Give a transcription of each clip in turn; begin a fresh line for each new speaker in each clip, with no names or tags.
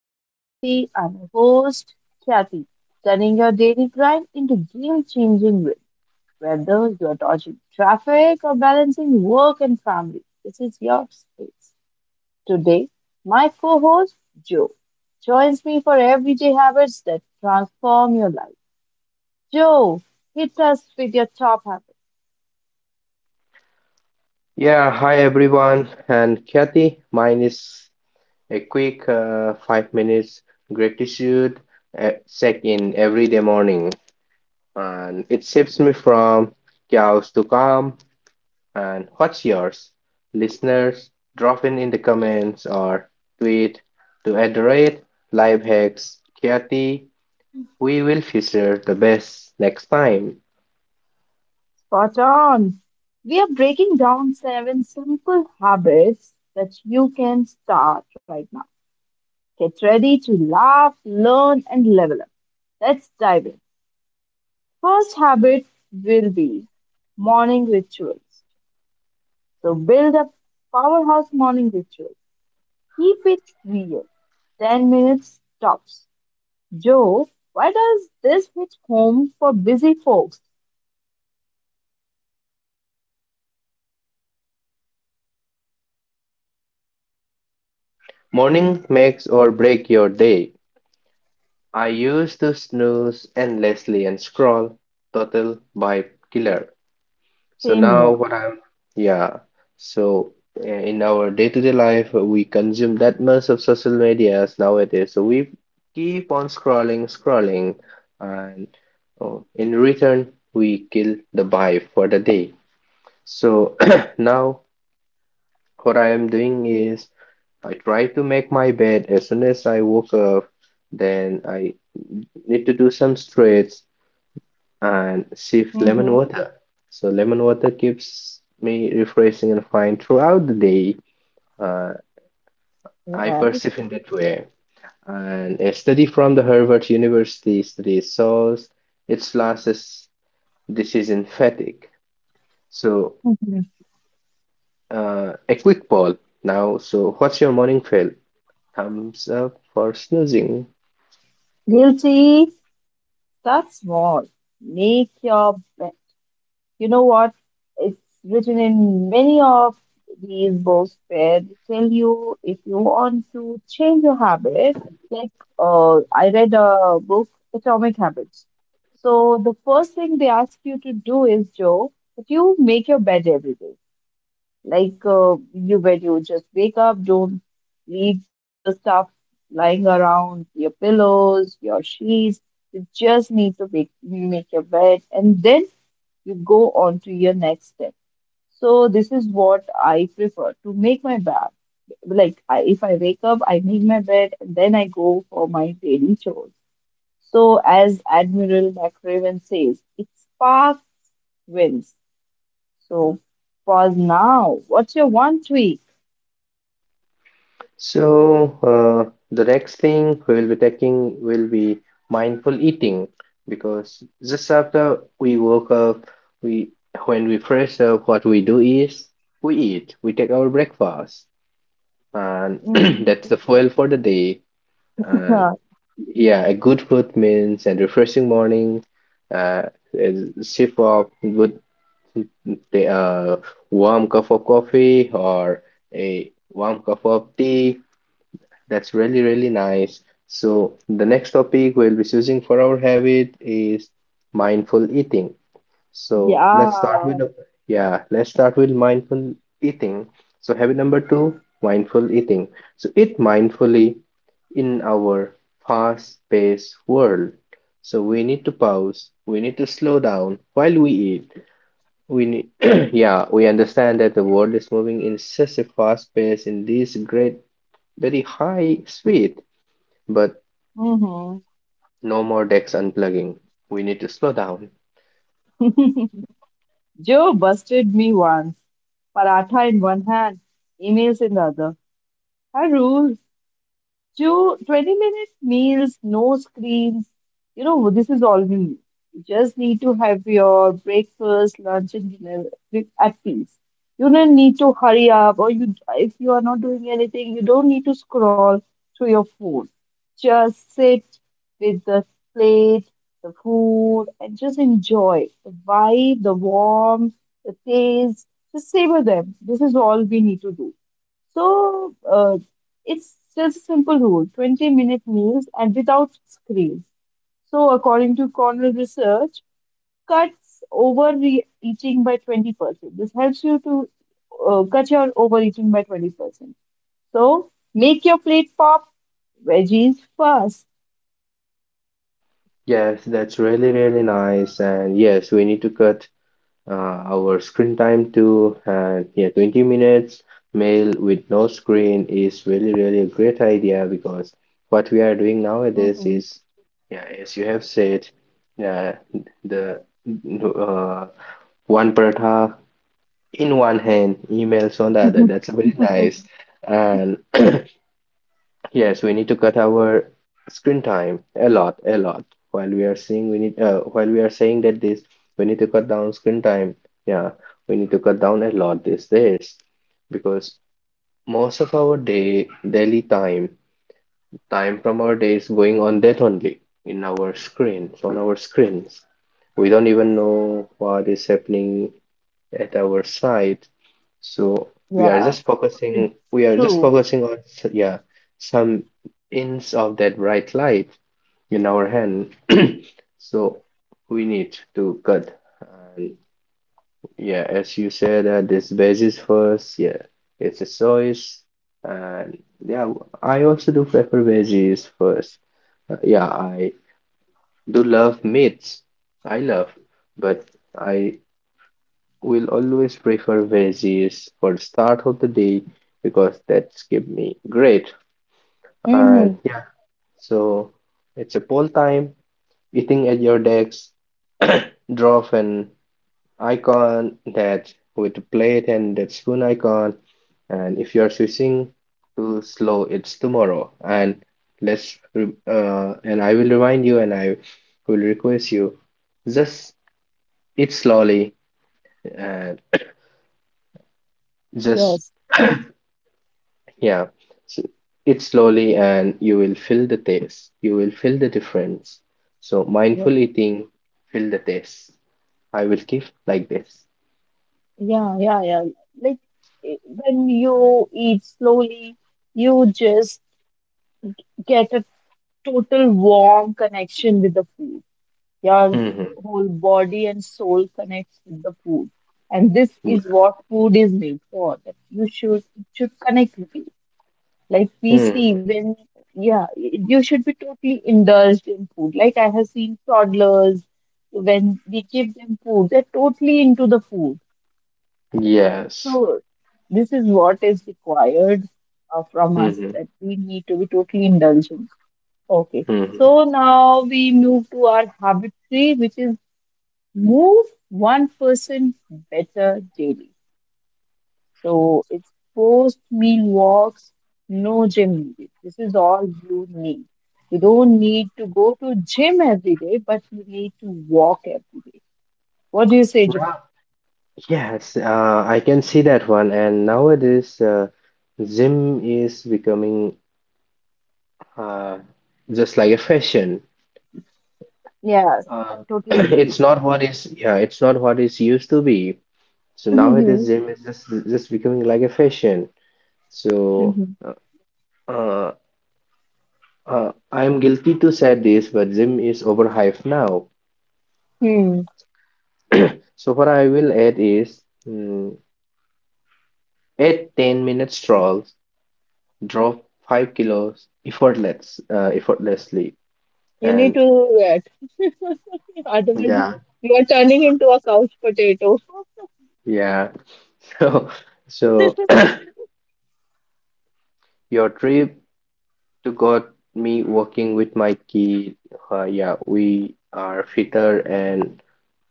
with Kathy. I'm your host, Kathy, turning your daily grind into game changing wins. Whether you're dodging traffic or balancing work and family, this is your space. Today, my co host, Joe, joins me for everyday habits that transform your life. Joe, hit us with your top habits.
Yeah, hi everyone, and Kathy, mine is a quick 5 minutes gratitude check in every day morning, and it shifts me from chaos to calm. And what's yours? Listeners, drop in the comments or tweet to address life hacks Kathy. We will feature the best next time.
Spot on. We are breaking down seven simple habits that you can start right now. Get ready to laugh, learn, and level up. Let's dive in. First habit will be morning rituals. So build a powerhouse morning ritual. Keep it real. 10 minutes tops. Joe, why does this hit home for busy folks?
Morning makes or break your day. I used to snooze endlessly and scroll total vibe killer. So
Same
now
here.
what I'm, yeah. So in our day-to-day life, we consume that much of social medias nowadays. So we keep on scrolling, scrolling, and oh, in return, we kill the vibe for the day. So now what I am doing is I tried to make my bed as soon as I woke up. Then I need to do some stretches and sip lemon
Hmm.
water. So lemon water keeps me refreshing and fine throughout the day. Uh, I perceive in that way. And a study from the Harvard University studies shows it losses decision fatigue. So a quick poll now. So what's your morning feel? Thumbs up for snoozing.
Guilty. Start small. Make your bed. You know what? It's written in many of these books where they tell you if you want to change your habits. Like, I read a book, Atomic Habits. So the first thing they ask you to do is, Joe, that you make your bed every day. Like you when you just wake up, don't leave the stuff lying around your pillows, your sheets. You just need to make your bed, and then you go on to your next step. So this is what I prefer to make my bed. If I wake up, I make my bed, and then I go for my daily chores. So as Admiral McRaven says, it's fast wins. So pause now. What's your one tweak?
So, the next thing we'll be taking will be mindful eating because just after we woke up, we when we fresh up, what we do is we eat, we take our breakfast, and
Hmm.
that's the fuel for the day. And yeah, a good food means a refreshing morning, uh, a sip of good, the warm cup of coffee or a warm cup of tea that's really, really nice. So, the next topic we'll be choosing for our habit is mindful eating. So,
Yeah.
let's start with, yeah, let's start with mindful eating. So, habit number two, mindful eating. So, eat mindfully in our fast-paced world. So, we need to pause, we need to slow down while we eat. We need, yeah, we understand that the world is moving in such a fast pace in this great, very high speed. But
Hmm.
no more decks unplugging. We need to slow down.
Joe busted me once. Paratha in one hand, emails in the other. I rule. 2 20-minute meals, no screens. You know, this is all we need. You just need to have your breakfast, lunch, and dinner with- at peace. You don't need to hurry up, or you, if you are not doing anything, you don't need to scroll through your phone. Just sit with the plate, the food, and just enjoy the vibe, the warmth, the taste. Just savor them. This is all we need to do. So, uh, it's just a simple rule 20-minute meals and without screens. So, according to Cornell research, cuts overeating by 20%. This helps you to cut your overeating by 20%. So, make your plate pop veggies first.
Yes, that's really, really nice. And yes, we need to cut uh, our screen time to yeah, 20 minutes. Mail with no screen is really, really a great idea because what we are doing nowadays
Mhm.
is, yeah, as you have said, yeah, the uh, one paratha in one hand, emails on the other. That's very nice. And yes, we need to cut our screen time a lot, a lot. While we are seeing, we need while we are saying that this, we need to cut down screen time. Yeah, we need to cut down a lot these days because most of our day, daily time, from our day is going on that only in our screens, on our screens. We don't even know what is happening at our side. So we are
Yeah,
just
it's
focusing,
true.
yeah, some hints of that bright light in our hand. So we need to cut. And yeah, as you said, this basis first, yeah, it's a choice. And yeah, I also do prefer veggies first. Yeah, I do love meats. I love, but I will always prefer veggies for the start of the day because that's give me great.
Mm-hmm.
And yeah, so it's a poll time. Eating at your desk, draw an icon that with the plate and that spoon icon. And if you are switching to slow, it's tomorrow. And and I will remind you and I will request you just eat slowly and just,
Yes.
yeah, so it slowly, and you will feel the taste. You will feel the difference. So
Yes.
mindful eating, feel the taste. I will keep like this.
Yeah, yeah, yeah. Like, when you eat slowly, you just get a total warm connection with the food. Your
Hmm.
whole body and soul connects with the food. And this is what food is made for. That you should it should connect with you. Like we see
Hmm.
when yeah, you should be totally indulged in food. Like I have seen toddlers when we give them food, they're totally into the food.
Yes.
So this is what is required from us
Hmm.
that we need to be totally indulgent. Okay.
Hmm.
So now we move to our habit three, which is move one person better daily. So it's post meal walks, no gym needed. This is all you need. You don't need to go to gym every day, but you need to walk every day. What do you say, Jim?
Now, yes, I can see that one. And nowadays, gym is becoming uh, just like a fashion.
Yes, I
Uh,
totally agree.
it's not what is, yeah, it's not what is used to be. So nowadays,
Hmm.
gym is just becoming like a fashion. So
Hmm.
uh, uh, I am guilty to say this, but gym is overhyped now.
Hmm.
So what I will add is 8-10 minute strolls, drop 5 kilos effortlessly,
You need to
and
do that. Otherwise, you
yeah,
you are turning into a couch potato.
yeah. So so your trip to got me walking with my kid. Yeah, we are fitter and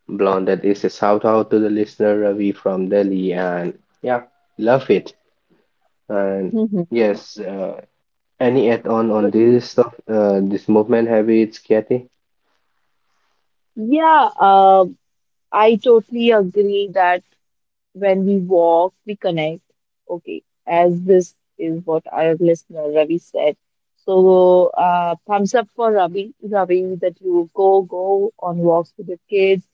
Blonded is a shout out to the listener Ravi from Delhi, and yeah, love it. And
Mhm.
yes, any add on
But
this stuff, this movement habits, Kathy?
yeah, I totally agree that when we walk, we connect. Okay, as this is what our listener Ravi said. So, thumbs up for Ravi, Ravi, that you go on walks with the kids.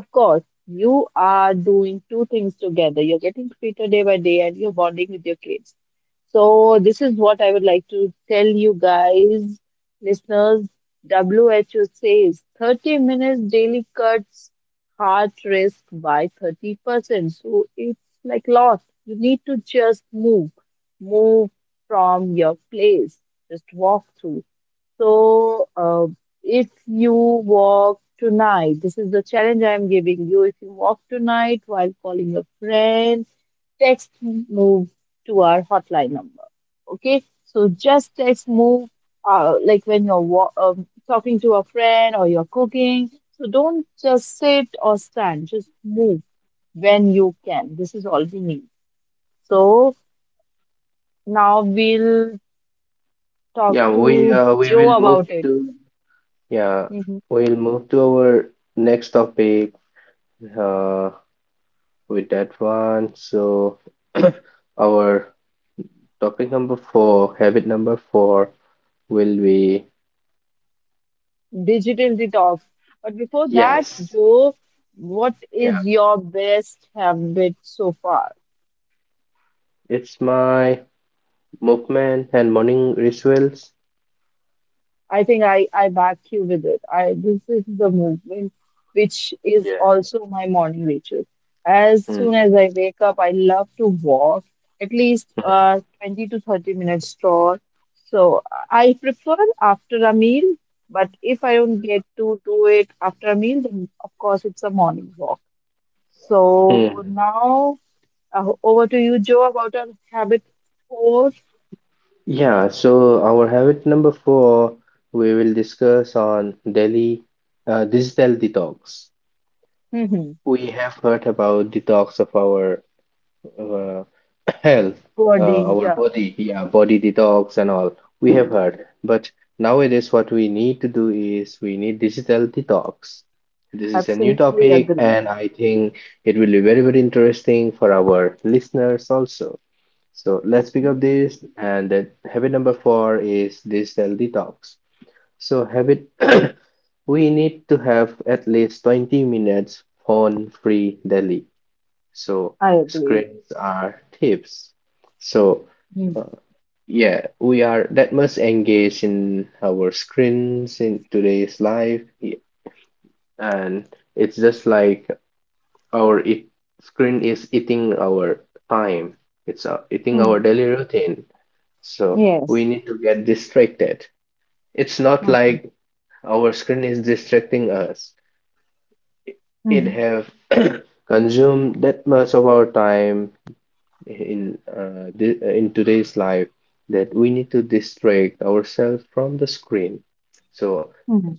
Of course, you are doing two things together. You're getting fitter day by day, and you're bonding with your kids. So, this is what I would like to tell you guys, listeners. WHO says 30 minutes daily cuts heart risk by 30%. So it's like lost. You need to just move from your place, just walk through. So, if you walk tonight, this is the challenge I'm giving you. If you walk tonight while calling your friend, text move to our hotline number. Okay, so just text move, like when you're talking to a friend or you're cooking. So don't just sit or stand, just move when you can. This is all we need. So now we'll talk
Yeah,
to Joe about it.
yeah, we'll move to our next topic. Uh, with that one, so our topic number four, habit number four, will be.
Digital detox. But before that,
Yes,
Joe, what
yeah,
is your best habit so far?
it's my movement and morning rituals.
I think I back you with it. I, this is the movement which is also my morning ritual. As soon as
Mhm.
I wake up, I love to walk at least
Mhm.
20 to 30 minutes stroll. So I prefer after a meal, but if I don't get to do it after a meal, then of course it's a morning walk.
Mhm.
So now over to you, Joe, about our habit core.
Yeah, so our habit number four, we will discuss on daily digital detox.
Hmm.
We have heard about detox of our uh, health,
Body,
our
yeah,
body, yeah, body detox and all. We have heard, but nowadays what we need to do is we need digital detox. This is a new
absolutely
topic,
agreed.
and I think it will be very, very interesting for our listeners also. So let's pick up this. And then habit number four is digital detox. So habit, we need to have at least 20 minutes phone-free daily. So
I agree.
screens are tips. So
Mm-hmm.
uh, yeah, we are that much engaged in our screens in today's life, and it's just like our screen is eating our time. It's eating our
Mm-hmm.
daily routine. So we
Yes.
need to get distracted. It's not
Mm-hmm.
like our screen is distracting us. It
Mm-hmm.
have consumed that much of our time in in today's life that we need to distract ourselves from the screen. So
Mm-hmm.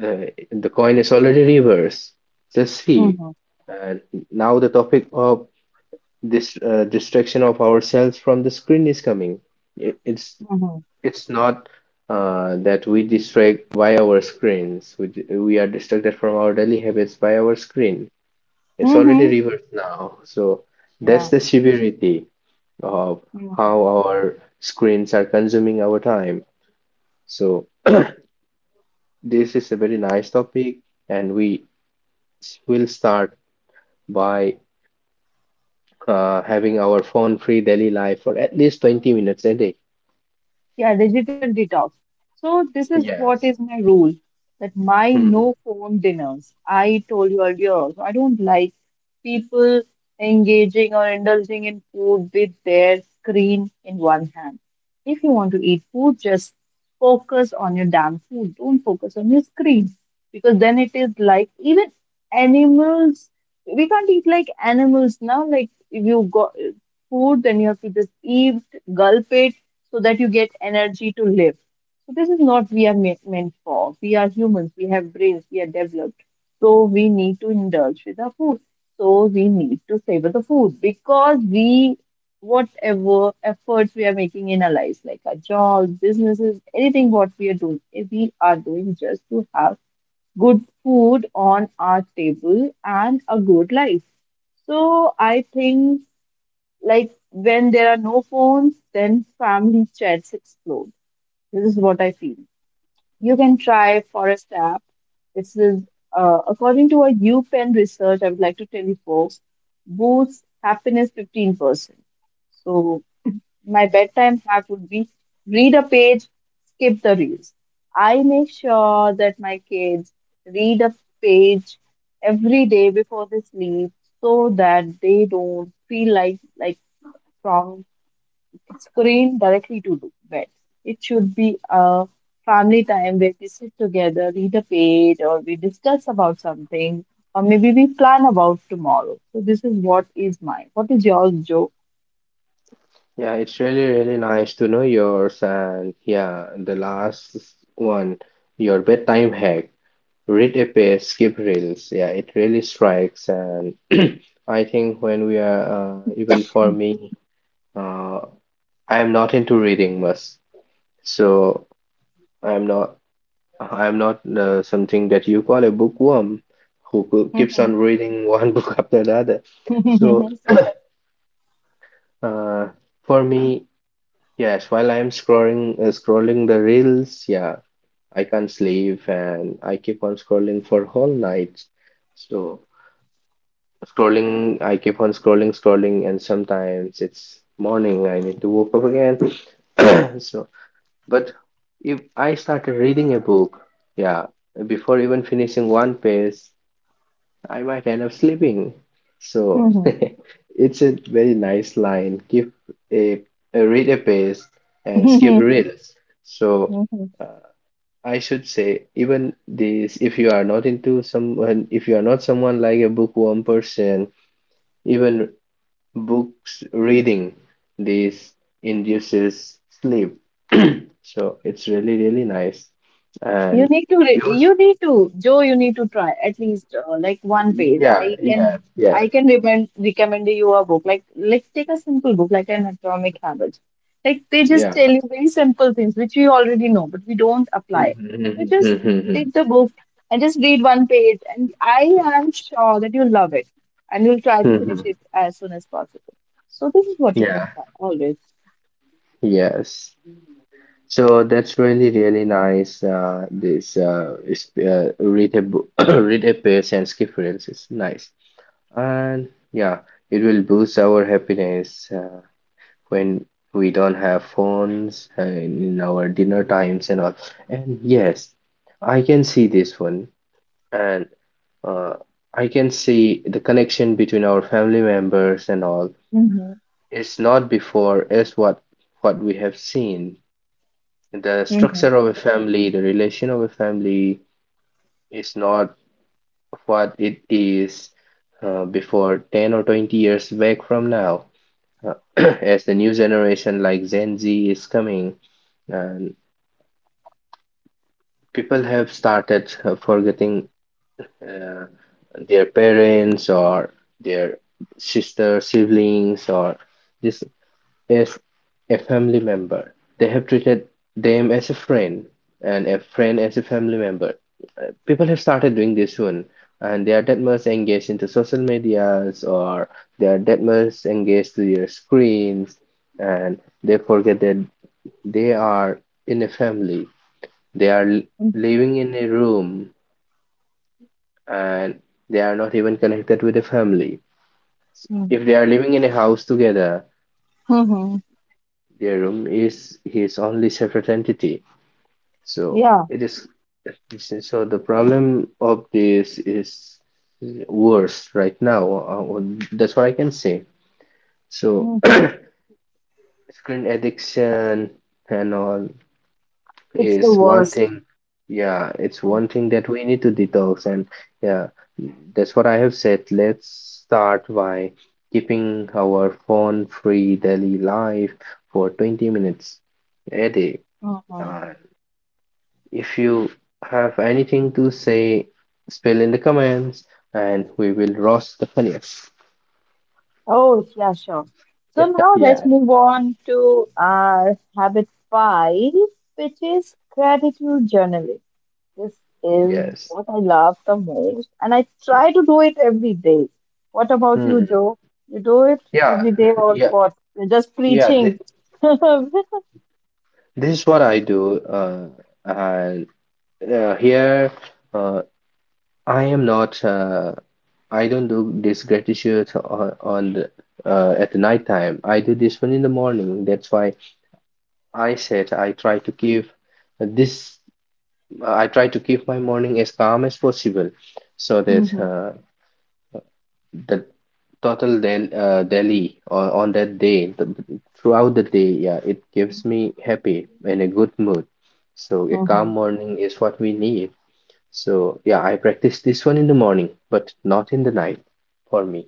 the coin is already reversed. Just see.
Mm-hmm.
And now the topic of this distraction of ourselves from the screen is coming. It, it's
Mm-hmm.
It's not that we distract by our screens. We are distracted from our daily habits by our screen. It's already
Mm-hmm.
reversed now. So that's
Yeah.
the severity of
Mm-hmm.
how our screens are consuming our time. So this is a very nice topic, and we will start by having our phone-free daily life for at least 20 minutes a day.
Yeah, digital detox. So this is what
Yes.
is my rule that my no phone dinners. I told you earlier, I don't like people engaging or indulging in food with their screen in one hand. If you want to eat food, just focus on your damn food. Don't focus on your screen because then it is like even animals. We can't eat like animals now. Like if you got food, then you have to just eat, gulp it so that you get energy to live. So this is not meant for. We are humans. We have brains. We are developed. So we need to indulge with our food. So we need to savor the food because we, whatever efforts we are making in our lives, like our jobs, businesses, anything what we are doing, we are doing just to have good food on our table and a good life. So I think like when there are no phones, then family chats explode. This is what I feel. You can try Forest app. This is according to a U Penn research. I would like to tell you folks, boosts happiness 15%. So my bedtime hack would be read a page, skip the reels. I make sure that my kids read a page every day before they sleep so that they don't feel like from screen directly to do bed. It should be a family time where we sit together, read a page, or we discuss about something, or maybe we plan about tomorrow. So this is what is mine. What is yours, Joe?
Yeah, it's really, really nice to know yours. And yeah, the last one, your bedtime hack, read a page, skip reels. Yeah, it really strikes. And I think when we are, even for me, uh, I am not into reading much. So I'm not, I'm not something that you call a bookworm who keeps on reading one book after the other. So uh, for me, yes, while I'm scrolling the reels, yeah, I can't sleep and I keep on scrolling for whole nights. So scrolling, I keep on scrolling, scrolling, and sometimes it's morning. I need to wake up again. So, but if I started reading a book, yeah, before even finishing one page, I might end up sleeping. So
Mhm.
it's a very nice line. Give a, a read a page and skip reels. So uh, I should say even this if you are not someone like a bookworm person, even books reading this induces sleep. So it's really really nice. And you
You need to, Joe, you need to try at least like one page.
yeah, yeah, yeah,
I can recommend you a book. Like take a simple book, like an Atomic Habit. Like they just
yeah.
tell you very simple things which we already know, but we don't apply. So just take the book and just read one page, and I am sure that you'll love it, and you'll try to finish
Hmm.
it as soon as possible. So this is what you
Yeah,
can try always.
yes. So that's really, really nice. This is, read a book, read a page and skip reels is nice. And yeah, it will boost our happiness when we don't have phones and in our dinner times and all. And yes, I can see this one, and uh, I can see the connection between our family members and all.
Mm-hmm.
It's not before, it's what we have seen. The
Mm-hmm.
structure of a family, the relation of a family is not what it is before 10 or 20 years back from now. Uh, as the new generation like Gen Z is coming, and people have started forgetting uh, their parents or their sister siblings or this as a family member, they have treated them as a friend and a friend as a family member. People have started doing this soon, and they are that much engaged into social medias or they are that much engaged to their screens, and they forget that they are in a family. They are
Mm-hmm.
living in a room and they are not even connected with a family. If they are living in a house together,
Mm-hmm.
their room is his only separate entity. So
Yeah.
it is, so the problem of this is worse right now. That's what I can say. So
Mm-hmm.
screen addiction and all
It's the
is one
worst.
thing. Yeah, it's one thing that we need to detox, and yeah, that's what I have said. Let's start by keeping our phone-free daily life for 20 minutes a day.
Mhm.
Uh, If you have anything to say, spill in the comments and we will roast the funniest.
Oh, yeah, sure. So now let's
Yeah,
move on to our habit five, which is gratitude journaling. This is
yes.
what I love the most, and I try to do it every day. What about you,
Hmm.
Joe? You do it
Yeah,
every day or
yeah,
what? You're just
yeah. Th
preaching.
this is what I do. And here, uh, I am not. I don't do this gratitude at the night time. I do this one in the morning. That's why I said this I try to keep my morning as calm as possible so that
Mhm,
the total del daily or on that day, throughout the day, yeah, it gives me happy and a good mood. So a calm
mhm.
morning is what we need. So yeah, I practice this one in the morning, but not in the night for me.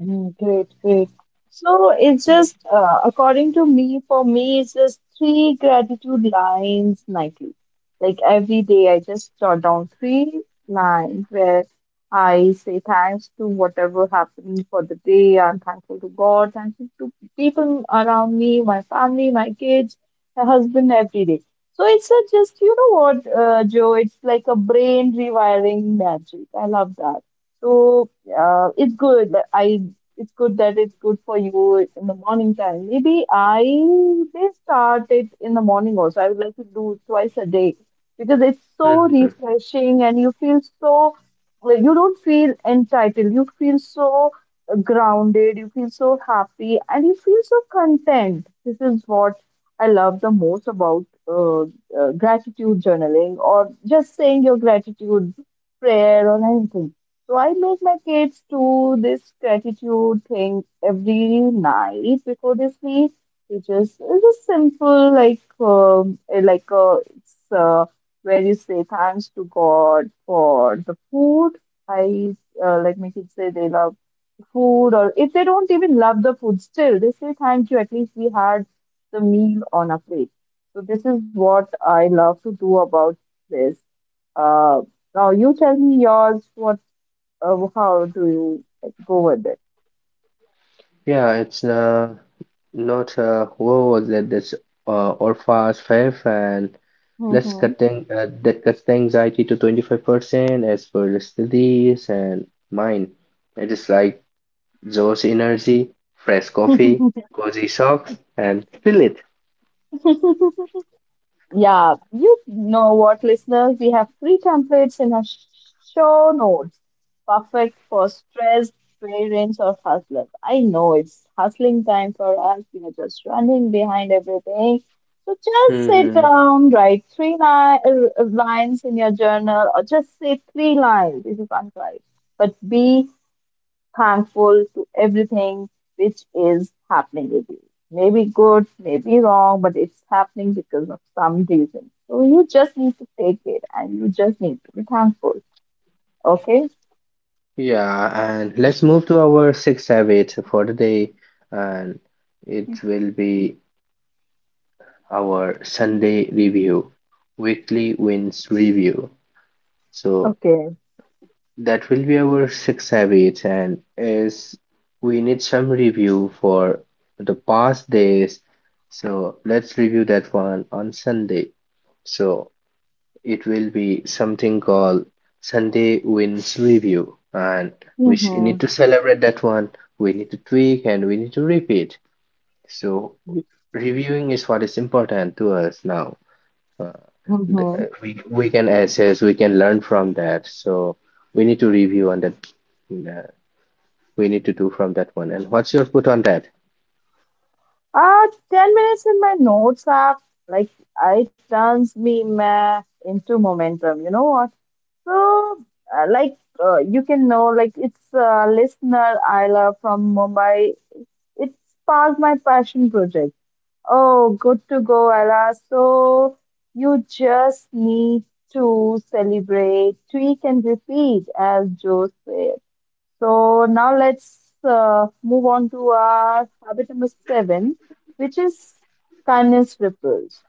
Mm, great, great. So it's
Yeah.
just, according to me, for me, it's just three gratitude lines nightly. Like every day, I just jot down three lines where I say thanks to whatever happened for the day. I'm thankful to God, thankful to people around me, my family, my kids, my husband, every day. So it's a just, you know what, Joe, it's like a brain rewiring magic. I love that. So it's good that I it's good that it's good for you in the morning time. Maybe I may start it in the morning also. I would like to do it twice a day because it's so
Mhm.
refreshing and you feel so like, you don't feel entitled. You feel so grounded. You feel so happy and you feel so content. This is what I love the most about gratitude journaling or just saying your gratitude prayer or anything, so I make my kids do this gratitude thing every night before they sleep. It's just simple like eh, like it's where you say thanks to God for the food. I Like my kids say they love the food, or if they don't even love the food, still they say thank you. At least we had the meal on a plate. So this is what I love to do about this. Uh, Now you tell me yours. What how do you like, go with it?
Yeah, it's not whoa, that's or fast, fair, and. Let's
Hmm.
that cuts the anxiety to 25% as per studies and mine. It is like Joe's energy, fresh coffee, cozy socks, and feel it.
Yeah, you know what, listeners? We have free templates in our show notes, perfect for stressed parents or hustlers. I know it's hustling time for us. We are just running behind everything. So just sit
Hmm.
down, write lines in your journal, or just say three lines. This is unkind, but be thankful to everything which is happening with you. Maybe good, maybe wrong, but it's happening because of some reason. So you just need to take it and you just need to be thankful. Okay?
Yeah, and let's move to our sixth habit for the day, and it will be our Sunday review, weekly wins review. So
Okay.
that will be our sixth habit, and is we need some review for the past days. So let's review that one on Sunday. So it will be something called Sunday Wins Review, and we
Mm-hmm.
need to celebrate that one. We need to tweak and we need to repeat. So reviewing is what is important to us now. Uh, th- uh,
Mhm.
we we can assess, we can learn from that. So we need to review on that. uh, we need to do from that one. And what's your put on that?
Uh, 10 minutes in my notes app, like, I turns me meh into momentum. You know what? So, uh, like, you can know, like, it's a listener, Isla from Mumbai. It sparked my passion project. Oh, good to go, Isla. So, you just need to celebrate, tweak, and repeat, as Joe said. So now let's move on to our habit number seven, which is kindness ripples.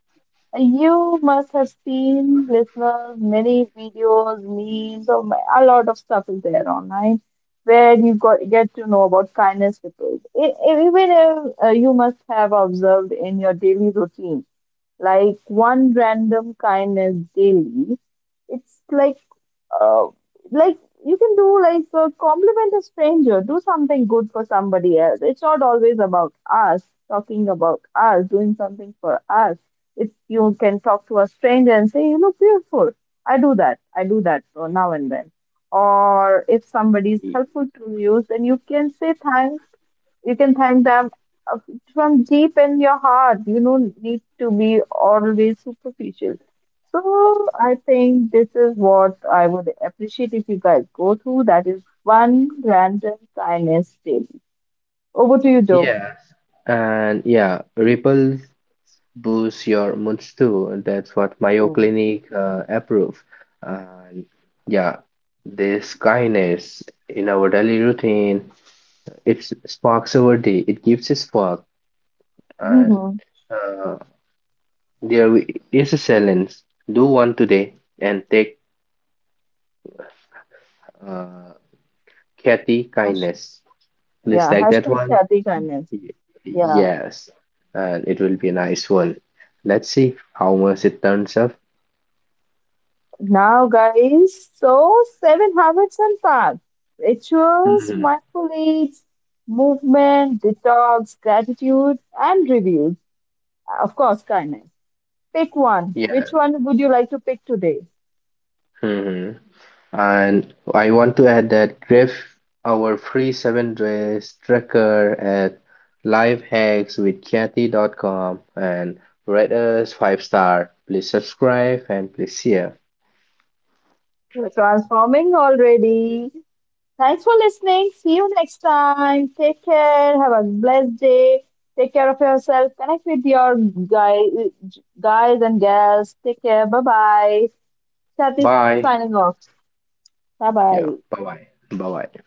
You must have seen, listeners, many videos, memes, or a lot of stuff is there online where you get to know about kindness ripples. Even you must have observed in your daily routine, like one random kindness daily. It's like, uh, like you can do like a compliment a stranger, do something good for somebody else. It's not always about us, talking about us, doing something for us. If you can talk to a stranger and say you look beautiful, I do that so now and then, or if somebody is
Y-
helpful to you, then you can say thanks, you can thank them uh, from deep in your heart. You don't need to be always superficial. So I think this is what I would appreciate if you guys go through that is one random kindness daily. Over to you, Joe.
Yes. And yeah, Ripple boosts your moods too, and that's what Mayo
Mm-hmm.
Clinic approve. And yeah, this kindness in our daily routine, it sparks our day. It gives a spark. And uh, there is a silence. Do one today and take Uh, Kathy Kindness. Please
Yeah,
take that
hashtag
one.
Shadi kindness.
Y-
Yeah.
Yes, and it will be a nice one. Let's see how much it turns up.
Now, guys, so seven habits and facts, rituals,
Hmm.
mindful eats, movement, detox, gratitude, and reviews. Of course, kindness. Pick one. Which
Yeah.
one would you like to pick today?
Hmm. And I want to add that Griff, our free 7 days tracker at lifehackswithkathy.com and rate us 5 star. Please subscribe and please share.
We're transforming already. Thanks for listening. See you next time. Take care. Have a blessed day. Take care of yourself. Connect with your guy, guys and gals. Take care. Bye bye. Chat is
Bye.
signing off. Bye
Yeah.
bye.
Bye bye. Bye bye.